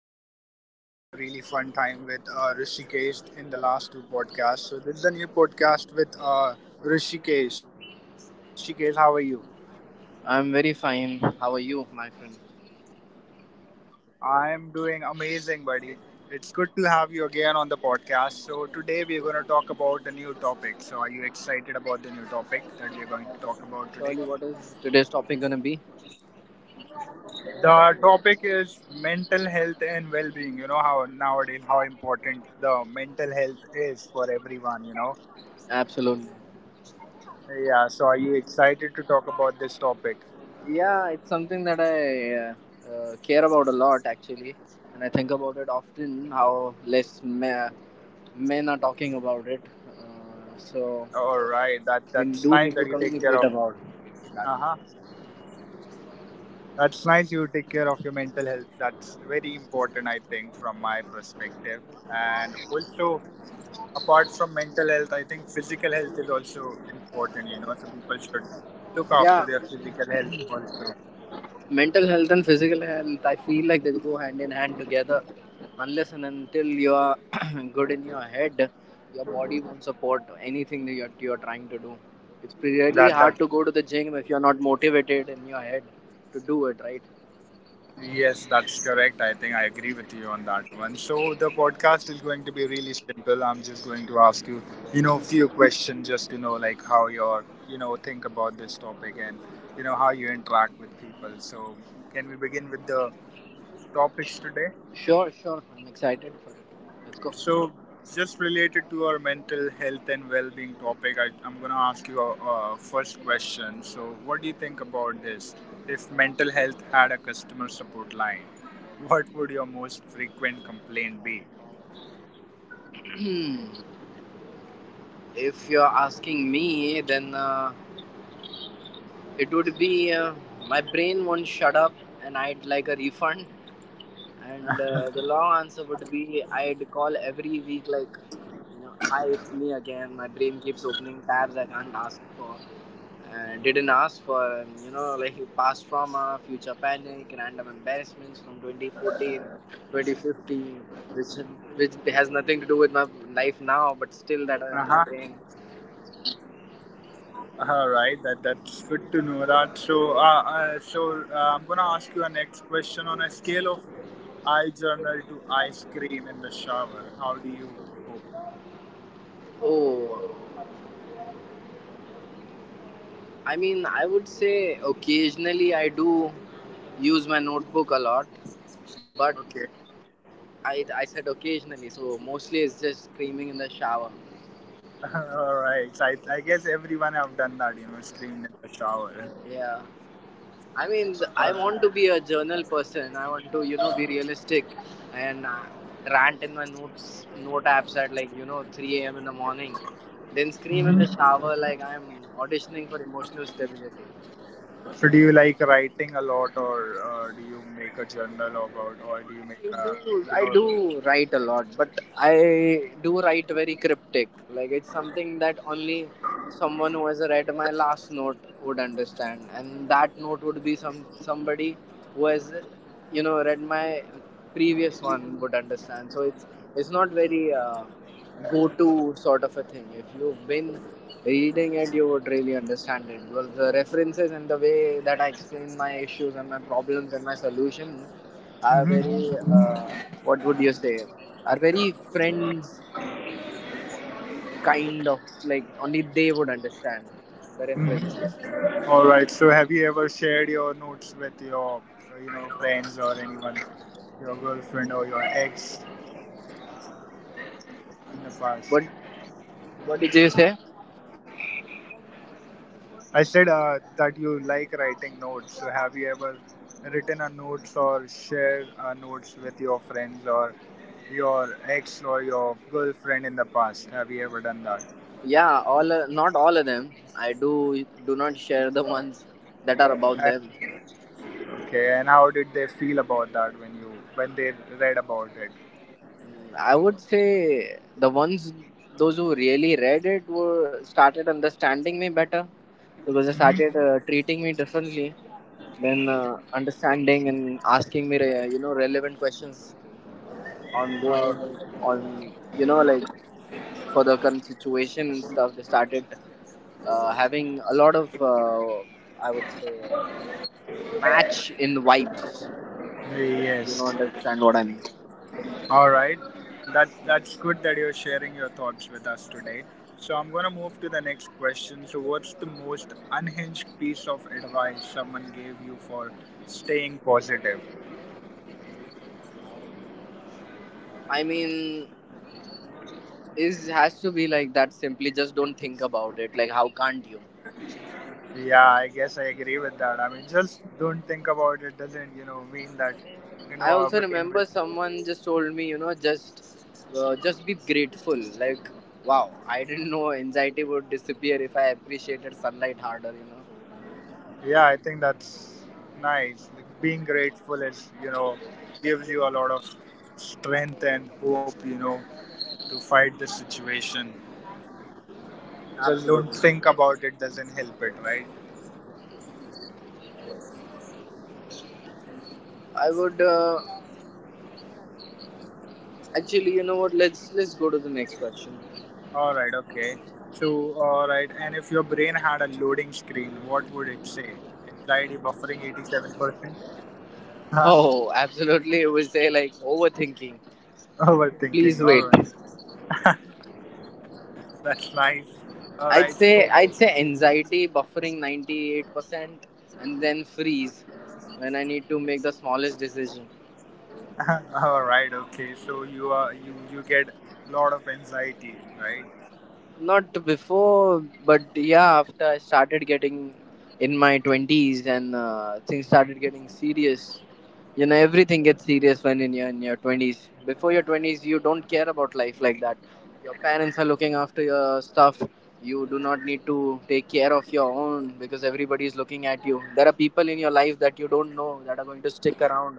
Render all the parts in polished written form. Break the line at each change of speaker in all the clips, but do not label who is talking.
We had a really fun time with Rishikesh in the last two podcasts. So, this is a new podcast with Rishikesh. So, hi, Rishikesh. How are you?
I'm very fine. How are you, my friend?
I'm doing amazing, buddy. It's good to have you again on the podcast. So, today we're going to talk about a new topic. So, are you excited about the new topic that we're going to talk about today?
Surely, what is today's topic gonna be?
The topic is mental health and well-being. You know how nowadays how important the mental health is for everyone.
Absolutely.
Yeah. So are you excited to talk about this topic?
Yeah, it's something that I care about a lot actually, and I think about it often. How men are talking about it, so
All right. That
we
that's
do
nice that
need to
you take care of.
communicate about that.
Uh huh. That's nice you take care of your mental health. That's very important, I think, from my perspective. And also, apart from mental health, I think physical health is also important. You know, so people should look after
Yeah,
their physical health also.
mental health and physical health, I feel like they go hand in hand together, unless and until you are good in your head, your body won't support anything that you're trying to do. It's
That
really
that
hard to go to the gym if you're not motivated in your head to do it, right?
Yes, that's correct. I think I agree with you on that one. So the podcast is going to be really simple. I'm just going to ask you, a few questions just to know like how you think about this topic and you know how you interact with people. So can we begin with the
Sh-
topics today?
sure, I'm excited for it. Let's go.
So, just related to our mental health and well-being topic, I'm going to ask you a first question. So, what do you think about this? If mental health had a customer support line, what would your most frequent complaint be?
If you're asking me, then it would be, my brain won't shut up and I'd like a refund. And the long answer would be, I'd call every week, like, you know, hi, it's me again. My brain keeps opening tabs I can't ask for. And didn't ask for, and, you know, like past trauma, future panic, random embarrassments from 2014, 2015, which, which has nothing to do with my life now, but still that are in my
Uh-huh.
brain.
All right, that's good to know that. So I'm gonna ask you a next question. On a scale of eye journal to ice cream in the shower. How do you cope?
Oh, I mean, I would say occasionally I do use my notebook a lot, but.
Okay.
I said occasionally, so mostly it's just screaming in the shower.
All right. So I guess everyone have done that, you know, screamed in the shower.
Yeah. I mean, I want
Uh,
to be a journal person. I want to, you know, be realistic and rant in my notes, note apps at like, you know, 3 a.m. in the morning. Then scream in the shower like I'm auditioning for emotional stability.
So do you like writing a lot, or do you make a journal about, or do you
I
make a,
do,
you
I
know?
do write a lot, but I do write very cryptic. Like, it's something that only someone who has read my last note would understand, and that note would be somebody who has, you know, read my previous one would understand. So it's not very go-to sort of a thing. If you've been reading it, you would really understand it. Well, the references and the way that I explain my issues and my problems and my solutions are very what would you say, are very friends kind of, like, only they would understand the references.
All right. So have you ever shared your notes with your, you know, friends or anyone, your girlfriend or your ex in the past?
What what did you say?
I said that you like writing notes. So have you ever written a notes or shared notes with your friends or your ex or your girlfriend in the past? Have you ever done that?
Yeah, all not all of them. I do do not share the ones that are about
And,
them.
okay, and how did they feel about that when you when they read about it?
Mm, I would say the ones, those who really read it, were started understanding me better because they started
Mm-hmm.
treating me differently, then understanding and asking me you know, relevant questions ongoing
Uh,
on, you know, like, for the current situation and stuff. They started having a lot of I would say match in vibes, if you know,
yes.
understand what I mean.
All right. That's good that you're sharing your thoughts with us today. So I'm gonna move to the next question. So what's the most unhinged piece of advice someone gave you for staying positive?
I mean, is has to be like that, simply, just don't think about it. Like, how can't you?
Yeah, I guess I agree with that. I mean just don't think about it doesn't, you know, mean that you know
I
our
also
brain
remember
will.
someone just told me, you know, just be grateful. Like, wow, I didn't know anxiety would disappear if I appreciated sunlight harder, you know.
Yeah, I think that's nice. Like, being grateful is, you know, gives you a lot of strength and hope, you know, to fight the situation. Just don't
Absolutely.
think about it doesn't help it, right?
I would actually, you know what, let's go to the next question.
Alright, okay. So, alright, and if your brain had a loading screen, what would it say? Anxiety buffering 87%? Huh?
Oh, absolutely, it would say, like, overthinking,
Overthinking,
please wait.
alright. That's nice.
I'd
Alright,
say
so,
I'd say anxiety buffering 98% and then freeze when I need to make the smallest decision.
alright, okay. So you get lot of anxiety, right?
Not before, but yeah, after I started getting in my 20s and things started getting serious. You know, everything gets serious when in your 20s. Before your 20s, you don't care about life like that. Your parents are looking after your stuff. You do not need to take care of your own because everybody is looking at you. There are people in your life that you don't know that are going to stick around,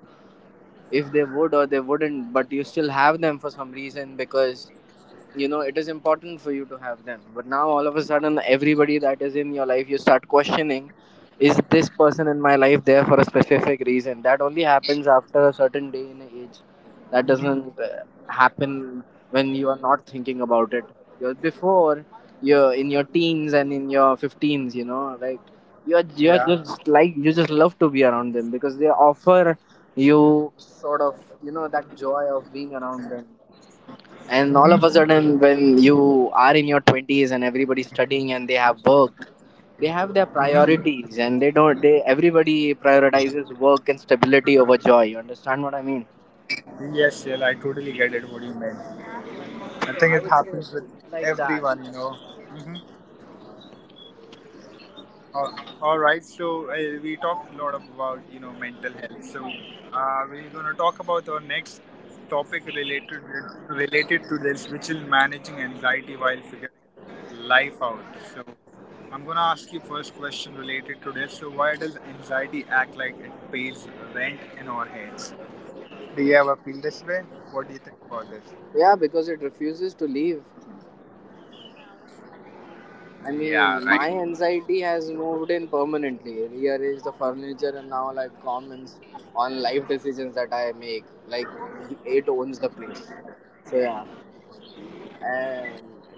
if they would or they wouldn't, but you still have them for some reason because, you know, it is important for you to have them. But now, all of a sudden, everybody that is in your life, you start questioning, is this person in my life there for a specific reason? That only happens after a certain day in age. That
Mm-hmm.
doesn't happen when you are not thinking about it. You're before you're in your teens and in your 15s, you know, like, you're
Yeah.
just like, you just love to be around them because they offer you sort of, you know, that joy of being around them. And all of a sudden, when you are in your 20s and everybody's studying and they have work, they have their
Mm-hmm.
priorities, and they don't they everybody prioritizes work and stability over joy. You understand what I mean?
Yes, Shell, I totally get it what you meant. I
So
think it
I would say
happens with
like that.
everyone, you know. Mm-hmm. Uh, all right, so we talked a lot about you know mental health. So we're going to talk about our next topic related to this, which is managing anxiety while figuring life out. So I'm going to ask you first question related to this. So why does anxiety act like it pays rent in our heads? Do you ever feel this way? What do you think about this?
Yeah, because it refuses to leave. I mean,
Yeah, right.
my anxiety has moved in permanently, rearrange the furniture, and now, like, comments on life decisions that I make. Like, it owns the place. So yeah. And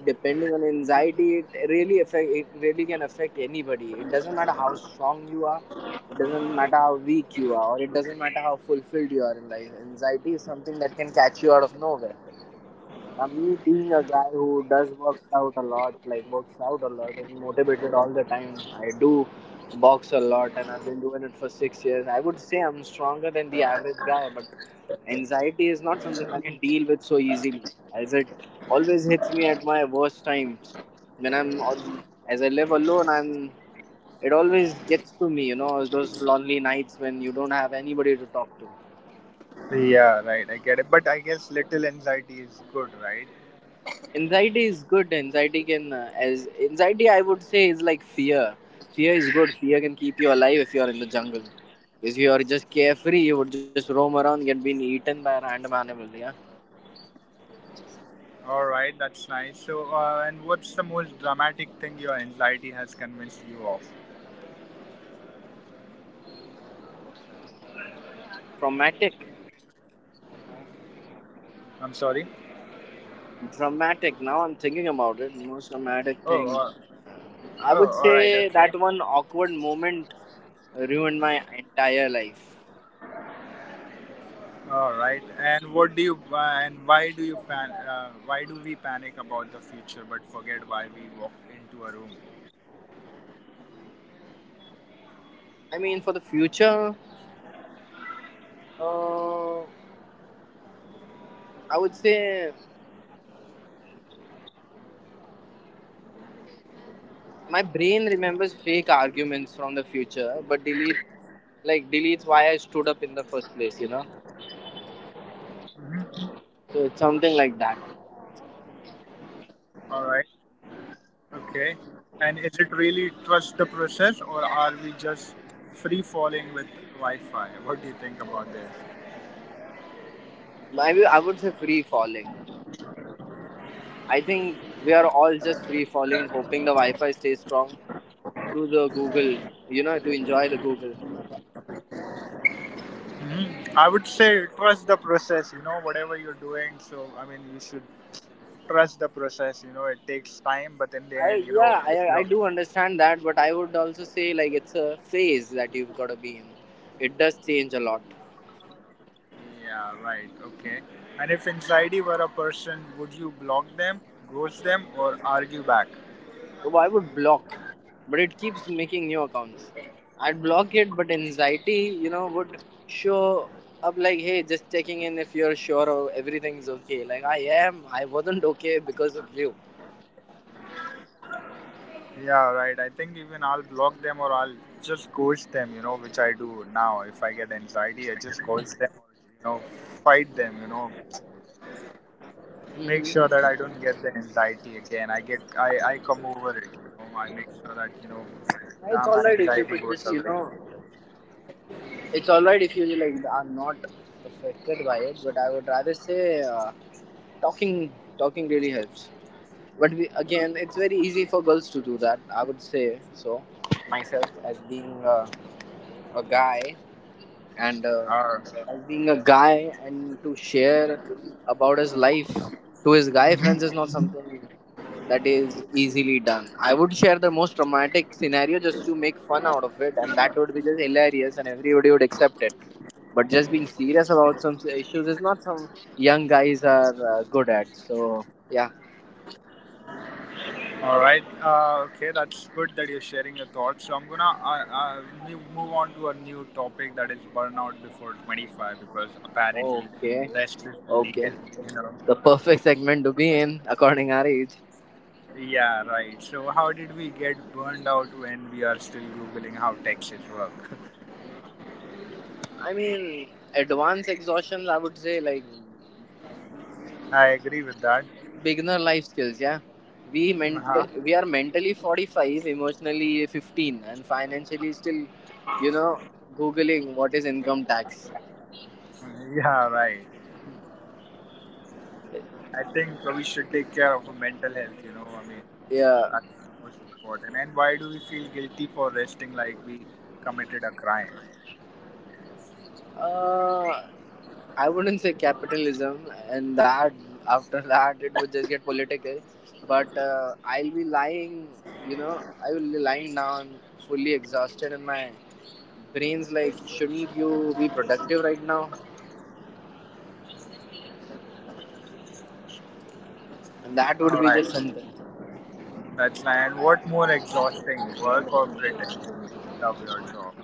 depending on anxiety, it really can affect anybody. It doesn't matter how strong you are, it doesn't matter how weak you are, or it doesn't matter how fulfilled you are in life. Anxiety is something that can catch you out of nowhere. I you being a guy who does work out a lot, like works out a lot and motivated all the time. I do box a lot and I've been doing it for 6 years. I would say I'm stronger than the average guy, but anxiety is not something I can deal with so easily, as it always hits me at my worst times. When I'm al- as I live alone, I'm it always gets to me. You know, those lonely nights when you don't have anybody to talk to.
Yeah, right. I get it. But I guess little anxiety is good, right?
Anxiety is good. Anxiety can as anxiety I would say is like fear. Fear is good. Fear can keep you alive. If you are in the jungle, if you are just carefree, you would just roam around, get been eaten by a random animal. Yeah.
All right, that's nice. So, and what's the most dramatic thing your anxiety has convinced you of?
Traumatic,
I'm sorry.
dramatic, now I'm thinking about it, most traumatic
Oh,
thing.
uh, oh,
I would
all
say
right, okay,
that one awkward moment ruined my entire life.
all right. And what do you and why do you pan? Why do we panic about the future but forget why we walked into a room?
I mean, for the future, uh, I would say, my brain remembers fake arguments from the future, but deletes why I stood up in the first place. You know, so it's something like that.
All right, okay. And is it really trust the process or are we just free falling with Wi-Fi? What do you think about this?
Maybe I would say free falling. I think we are all just free falling, hoping the Wi-Fi stays strong through the Google. You know, to enjoy the Google.
Mhm. I would say trust the process, you know, whatever you're doing. So, I mean, you should trust the process, you know, it takes time, but in the
I,
end, you know,
yeah,
if
I, I
you're.
do understand that, but I would also say, like, it's a phase that you've got to be in. It does change a lot.
Yeah, right, okay. And if inside you were a person, would you block them, ghost them, or argue back?
No, I would block, but it keeps making new accounts. I'd block it, but anxiety, you know, would show up like, hey, just checking in if you're sure or everything's okay. Like, I wasn't okay because of you.
Yeah, right. I think even I'll block them or I'll just ghost them, you know, which I do now. If I get anxiety, I just ghost them or, you know, fight them, you know.
Hmm.
Make sure that I don't get the anxiety again. I come over it. You know, I make sure that you
It's
know
alright if you could
my
just, you know,
anxiety goes away.
it's alright if you, like, are not affected by it, but I would rather say, talking, talking really helps. But we, again, it's very easy for girls to do that, I would say. So myself, as being, a guy and
Uh,
as being a guy, and to share about his life to his guy friends is
mhm.
not something that is easily done. I would share the most traumatic scenario just to make fun out of it, and that would be just hilarious and everybody would accept it. But just being serious about some issues is not some, young guys are good at. So yeah.
All right. Okay, that's good that you're sharing your thoughts. So I'm gonna move on to a new topic that is burnout before 25 because apparently
Okay.
rest is
Okay,
illegal. You know.
the perfect segment to be in, according our age.
Yeah. Right. So how did we get burned out when we are still googling how taxes work?
I mean, advanced exhaustions, I would say, like
I agree with that.
beginner life skills. Yeah, we ment
Uh-huh.
we are mentally 45, emotionally 15, and financially still, you know, googling what is income tax.
Yeah. Right. I think we should take care of our mental health, you know. I mean,
Yeah,
that's the most important. And why do we feel guilty for resting like we committed a crime?
uh, I wouldn't say capitalism, and that after that it would just get political. But I'll be lying. You know, I will be lying down, fully exhausted, and my brain's like, shouldn't you be productive right now? And that would
All
be
right,
just something.
that's fine. And what more exhausting, work or pretending you love your job?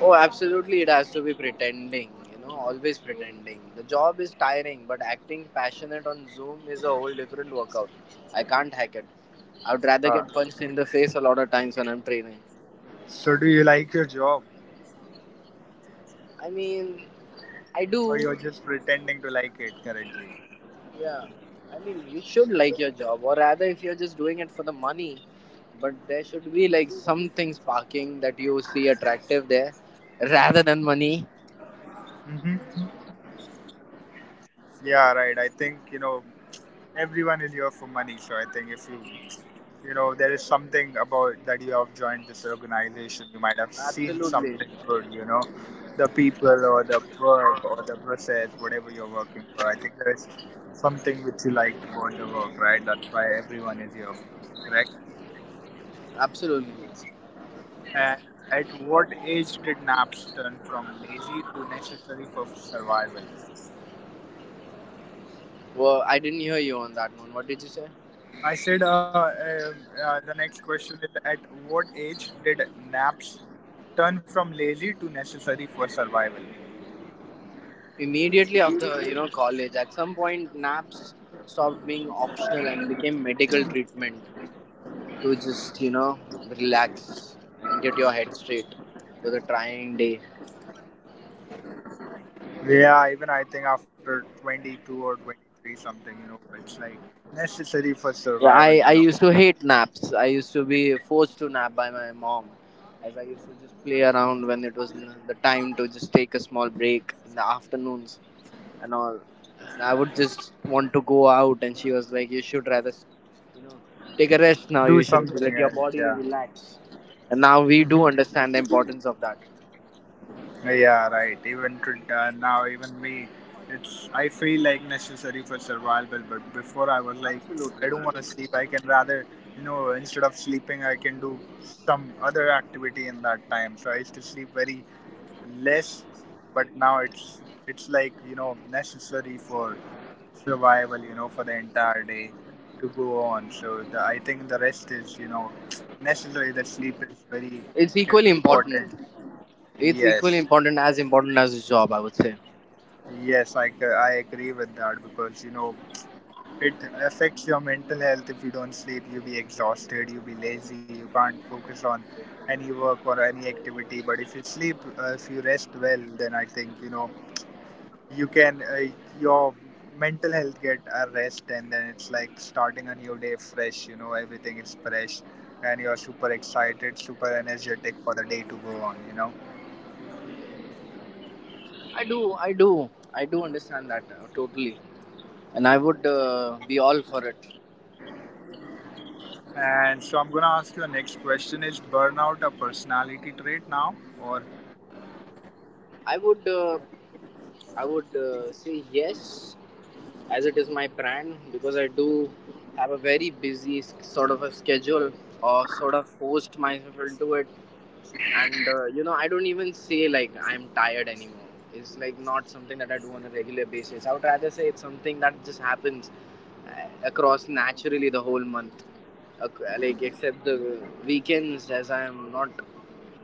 Oh, absolutely, it has to be pretending, you know, always pretending. The job is tiring, but acting passionate on Zoom is a whole different workout. I can't hack it. I would rather
Uh,
get punched in the face a lot of times when I'm training.
so, do you like your job,
I mean, I
or
do,
you're just pretending to like it currently?
yeah. I mean, you should like your job, or rather, if you're just doing it for the money, but there should be like something sparking that you see attractive there rather than money.
Hmm. Yeah, right. I think you know everyone is here for money, so I think if you you know there is something about that you have joined this organization you might have seen
Absolutely,
something good, you know, the people or the work or the process whatever you're working for. I think there is something which you like about the work, right? That's why everyone is here, correct?
absolutely.
And at what age did naps turn from lazy to necessary for survival?
Well, I didn't hear you on that one. What did you say?
I said the next question is at what age did naps turn from lazy to necessary for survival.
Immediately after, you know, college, at some point, naps stopped being optional and became medical treatment to just, you know, relax and get your head straight to the trying day.
Yeah, even I think after 22 or 23 something, you know, it's like necessary for
Yeah,
survival,
I,
you
I
know.
used to hate naps. I used to be forced to nap by my mom as I used to just play around when it was the time to just take a small break in the afternoons. And all. And I would just want to go out, and she was like, "You should rather, you know, take a rest now.
Do
You should
something
let your
else,
body
yeah.
relax." And now we do
Hmm.
understand the importance of that.
Yeah, right. Even to, now, even me, it's I feel like necessary for survival, but before I was like,
Absolutely,
I don't
man.
want to sleep. I can rather, you know, instead of sleeping, I can do some other activity in that time. So I used to sleep very less, but now it's like you know necessary for survival, you know, for the entire day to go on. So the, I think the rest is, you know, necessary. The sleep
It's
is
equally
very
important.
important.
It's equally
Yes,
important as a job, I would say.
yes, I, c- I agree with that because, you know, it affects your mental health if you don't sleep. You'll be exhausted, you'll be lazy, you can't focus on any work or any activity. But if you sleep, if you rest well, then I think, you know, you can your mental health get a rest and then it's like starting a new day fresh, you know, everything is fresh and you're super excited super energetic for the day to go on, you know.
I do, I do, I do understand that totally, and I would be all for it.
And so I'm gonna ask you a next question. Is burnout a personality trait now or
I would, uh, I would say yes as it is my brand because I do have a very busy sort of a schedule or sort of forced myself into it, and you know, I don't even say like I'm tired anymore. It's like not something that I do on a regular basis. I would rather say it's something that just happens across naturally the whole month, like except the weekends, as I'm not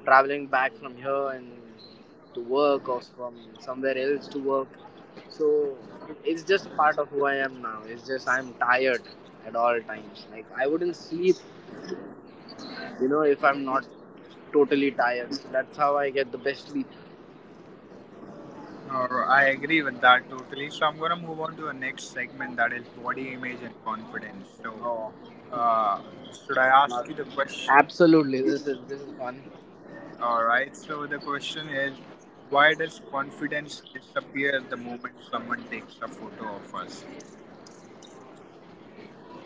traveling back from here and to work, or from somewhere else to work. So it's just a part of who I am now. It's just I'm tired at all times. Like I wouldn't sleep, you know, if I'm not totally tired. That's how I get the best sleep.
or I agree with that totally. So I'm gonna move on to the next segment that is body image and confidence. So
No,
uh, should I ask
not
you the question?
absolutely. This is fun.
All right. So the question is, why does confidence disappear the moment someone takes a photo of us?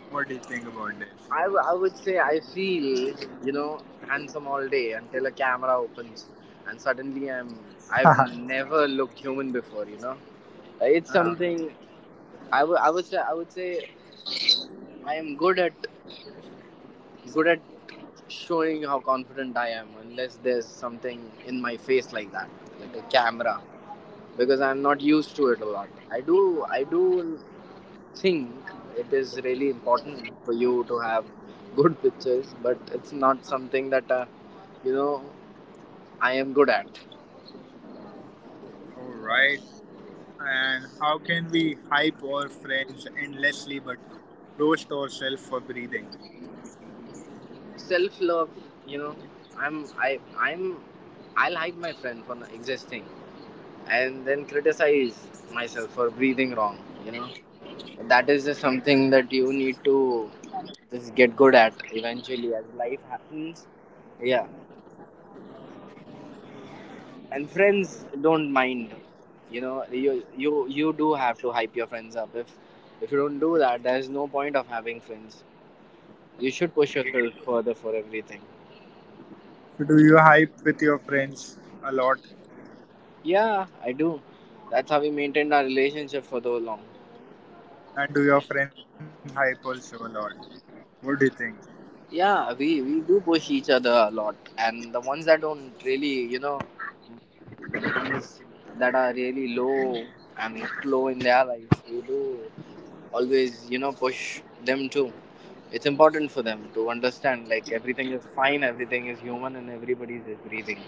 What do you think about this?
I would say I feel, you know, handsome all day until a camera opens and suddenly I've never looked human before. You know, it's something I would say I am good at showing how confident I am unless there's something in my face like that, like a camera, because I'm not used to it a lot. I do think it is really important for you to have good pictures, but it's not something that, you know, I am good at.
All right. And how can we hype our friends endlessly but roast ourselves for breathing?
Self love, you know. I'm I I'm I'll hype my friend for existing and then criticize myself for breathing wrong, you know. That is just something that you need to just get good at eventually as life happens, yeah. And friends don't mind, you know. You do have to hype your friends up. If you don't do that, there's no point of having friends. You should push yourself further for everything.
So do you hype with your friends a lot?
Yeah, I do. That's how we maintained our relationship for so long.
And do your friends hype also a lot? What do you think?
Yeah, we do push each other a lot, and the ones that don't really, you know, that are really low and slow in their lives, you do always, you know, push them too. It's important for them to understand like everything is fine, everything is human, and everybody's is breathing.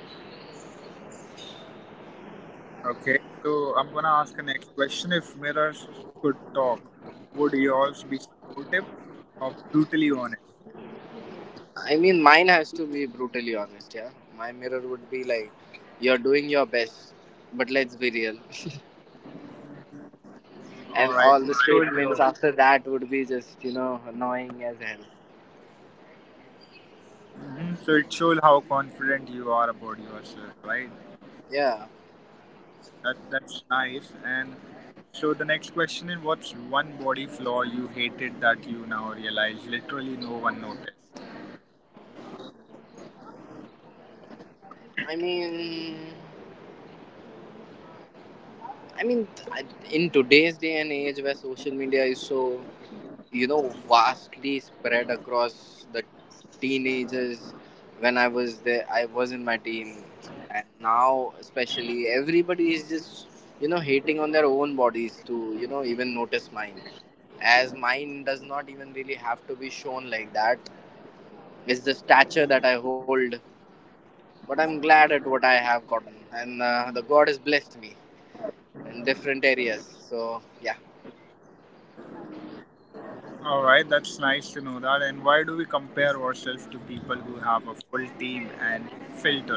Okay, so I'm gonna ask the next question. If mirrors could talk, would yours be supportive or brutally honest?
I mean, mine has to be brutally honest, yeah. My mirror would be like, you're doing your best, but let's be real.
All
And
right,
all
it
the
shows
statements
you.
after that would be just, you know, annoying as hell.
Hmm. So it shows how confident you are about yourself, right?
Yeah.
That that's nice. And so the next question is, what's one body flaw you hated that you now realize literally no one noticed?
I mean, I mean, I- in today's day and age, where social media is so, you know, vastly spread across the teenagers, when I was there I was in my teens, and now especially everybody is just, you know, hating on their own bodies to, you know, even notice mine, as mine does not even really have to be shown like that. It's the stature that I hold, but I'm glad at what I have gotten, and the god has blessed me in different areas, so yeah.
All right, that's nice to know that. And why do we compare ourselves to people who have a full team and filters?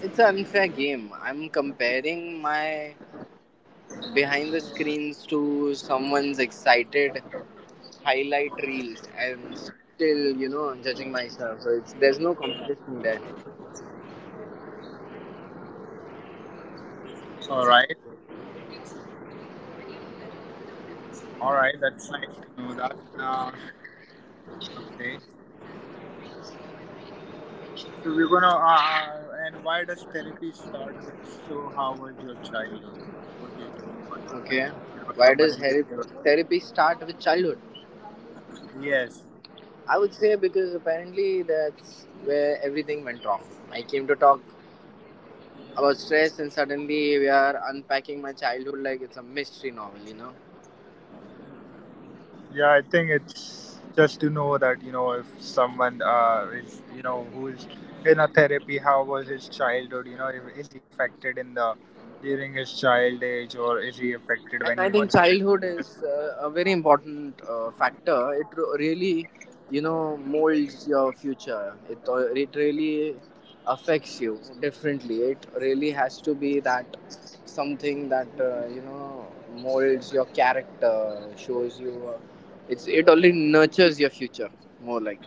It's an unfair game. I'm comparing my behind the screens to someone's excited highlight reels, and still, you know, judging myself. So it's there's no competition there.
All right, all right, that's nice to know that. Okay. So we're gonna. And why does therapy start with? So how was your childhood? What do you think about it? When,
Okay.
you know,
why
someone
does
will give
heri-
you.
therapy start with childhood?
Yes.
I would say because apparently that's where everything went wrong. I came to talk about stress, and suddenly we are unpacking my childhood like it's a mystery novel, you know.
Yeah, I think it's just to know that you know if someone is you know who is in a therapy, how was his childhood? You know, is he affected in the during his child age or is he affected
And
when
I
he was
think
a
childhood
teenager?
is, a very important factor. It really, you know, molds your future. It really affects you differently. It really has to be that, something that, you know, molds your character, shows you, it's it only nurtures your future more like.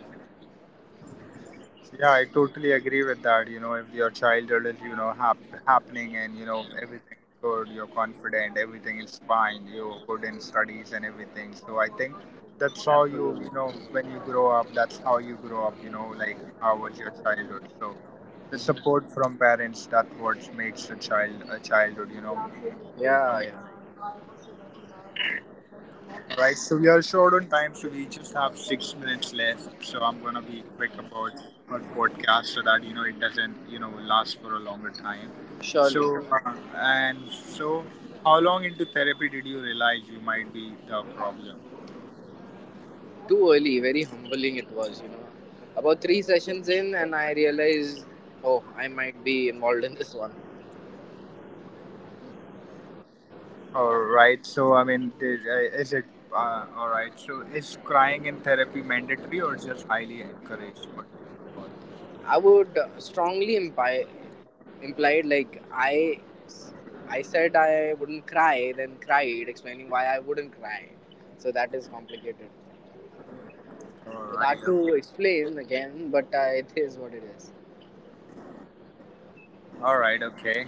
Yeah, I totally agree with that. You know, if your childhood is, you know, happening and, you know, everything is good, you're confident, everything is fine, you're good in studies and everything. So I think that's how you,
Absolutely.
you know, when you grow up, that's how you grow up, you know, like how was your childhood. So the
Hmm.
support from parents, that what makes a child, a childhood, you know,
Yeah,
amazing.
yeah.
Right, so we are short on time, so we just have 6 minutes left. So I'm gonna be quick about our podcast so that you know it doesn't you know last for a longer time. So
Surely.
and so, how long into therapy did you realize you might be the problem?
Too early, very humbling it was, you know. About three sessions in, and I realized, oh, I might be involved in this one.
All right, so I mean, is it all right? So is crying in therapy mandatory or just highly encouraged? What do you think
I would strongly imply, implied like, I said I wouldn't cry, then cried, explaining why I wouldn't cry. So that is complicated.
about that? All
It's
right,
hard
okay.
to explain again, but it is what it is.
All right, okay.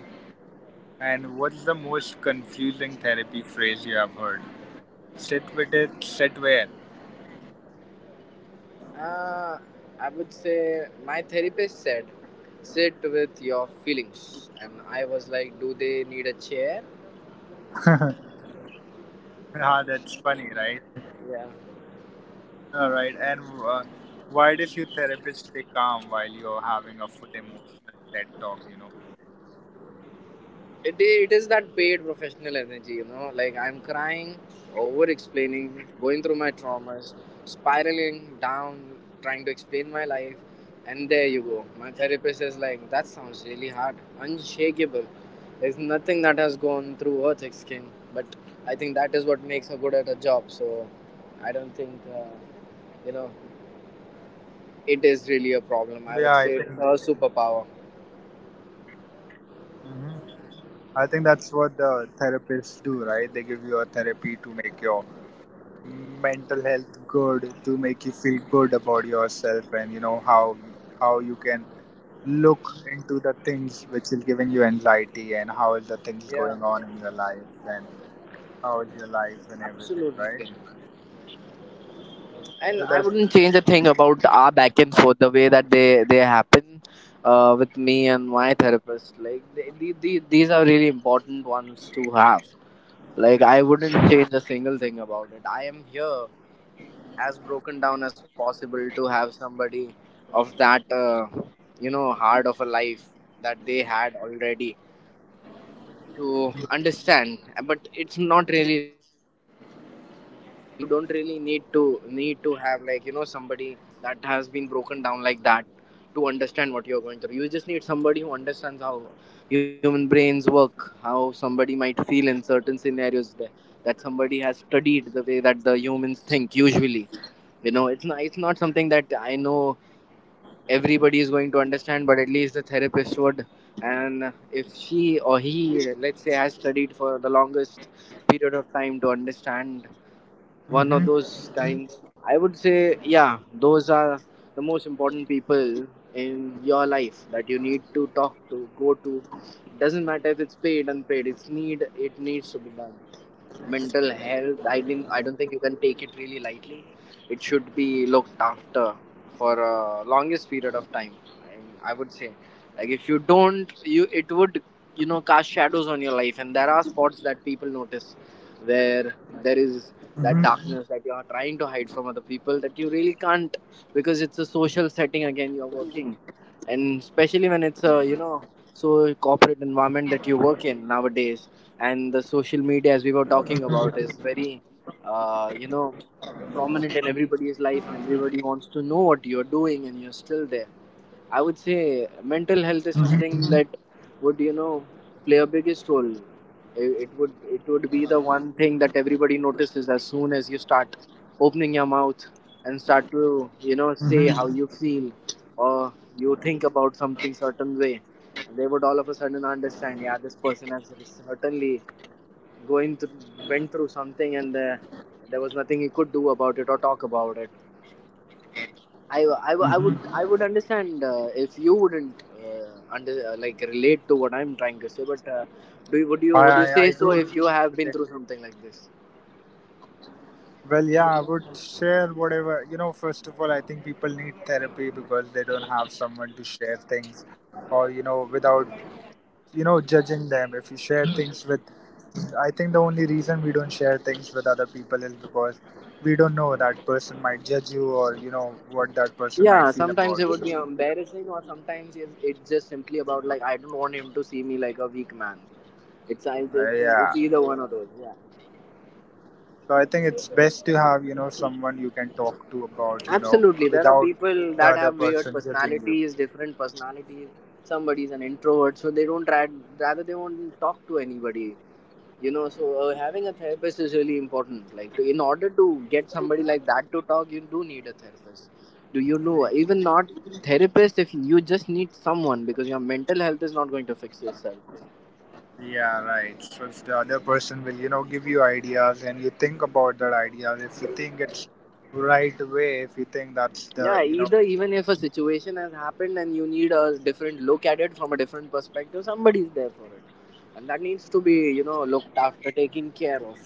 And what's the most confusing therapy phrase you have heard? Sit with it, sit where?
Uh, I would say my therapist said, sit with your feelings, and I was like, do they need a chair?
Ah, that's funny, right?
Yeah.
All right. And why does your therapist stay calm while you're having a full emotional TED talk, you know?
It is that paid professional energy, you know. Like, I'm crying, over explaining, going through my traumas, spiraling down, trying to explain my life. And there you go. My therapist is like, that sounds really hard, unshakable. There's nothing that has gone through her thick skin. But I think that is what makes her good at her job. So I don't think, you know, it
Yeah,
is
I
really a
think.
problem. I would say it's her superpower.
Hmm. I think that's what the therapists do, right? They give you a therapy to make your mental health good, to make you feel good about yourself, and you know how you can look into the things which is giving you anxiety and how is the things
Yeah,
going on in your life and how is your life and everything,
absolutely.
right?
And I
So that's
wouldn't change a thing about our back and forth, the way that they happen, with me and my therapist. Like the these are really important ones to have. Like I wouldn't change a single thing about it. I am here as broken down as possible to have somebody of that, you know, heart of a life that they had already, to understand. But it's not really like that, you know. You don't really need to have like, you know, somebody that has been broken down like that to understand what you're going through. You just need somebody who understands how human brains work, how somebody might feel in certain scenarios, that somebody has studied the way that the humans think usually. You know, it's not something that I know everybody is going to understand, but at least the therapist would. And if she or he, let's say, has studied for the longest period of time to understand
mm-hmm,
one of those times, I would say, yeah, those are the most important people in your life that you need to talk to, go to. Doesn't matter if it's paid unpaid, it needs to be done. Mental health, I don't think you can take it really lightly. It should be looked after for a longest period of time. And I would say, like, if you don't, you it would, you know, cast shadows on your life, and there are spots that people notice, where there
mm-hmm,
is that darkness that you are trying to hide from other people that you really can't, because it's a social setting. Again, you're working, and especially when it's a, you know, so corporate environment that you work in nowadays, and the social media, as we were talking about, is very, you know, prominent in everybody's life, and everybody wants to know what you're doing, and you're still there. I would say
mm-hmm,
mental health is something that would, you know, play a biggest role. it, it would it would be the one thing that everybody notices as soon as you start opening your mouth and start to, you
mm-hmm,
know, say how you feel, or you think about something certain way, and they would all of a sudden understand, yeah, this person has certainly going to went through something, and there was nothing he could do about it or talk about it.
mm-hmm.
I would understand, if you wouldn't under like relate to what I'm trying to say, but do you,
I,
would you
I I
say
do
so, if you have
relate.
been through something like this?
Well, yeah, I would share whatever. You know, first of all, I think people need therapy because they don't have someone to share things, or you know, without you know judging them if you share things with. I think the only reason we don't share things with other people is because we don't know that person might judge you or you know what
Yeah,
that person
sometimes it
might
would
feel
be
about you.
embarrassing, or sometimes it's just simply about, like, I don't want him to see me like a weak man. It's I think it's
Yeah,
either one of those. Yeah.
so I think it's best to have you know someone you can talk to about you know
Absolutely. There are
without
people that
the
have
other
weird
person judging you.
personalities, different personalities. Somebody's an introvert, so they don't try, rather they won't talk to anybody. You know, so having a therapist is really important. Like, in order to get somebody like that to talk, you do need a therapist. Do you know? Even not therapist, if you just need someone, because your mental health is not going to fix itself.
Yeah, right, so if the other person will you know give you ideas and you think about that idea if you think it's right way if you think that's
Yeah,
the you know.
either even if a situation has happened and you need a different look at it from a different perspective, somebody's there for it. And that needs to be, you know, looked after, taken care of.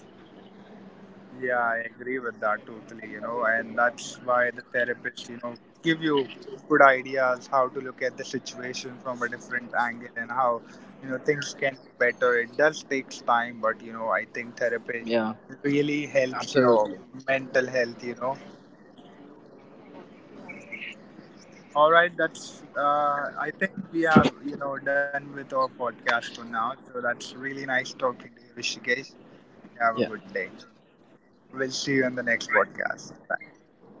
Yeah, I agree with that totally, you know, and that's why the therapists, you know, give you good ideas how to look at the situation from a different angle and how, you know, things can be better. It does takes time, but you know, I think
Yeah,
therapy really helps
absolutely.
your mental health, you know. All right, that's I think we have, you know, done with our podcast for now. So that's really nice talking to you, Rishikesh.
Yeah.
Have a good day. We'll see you in the next podcast. Bye.
Yeah.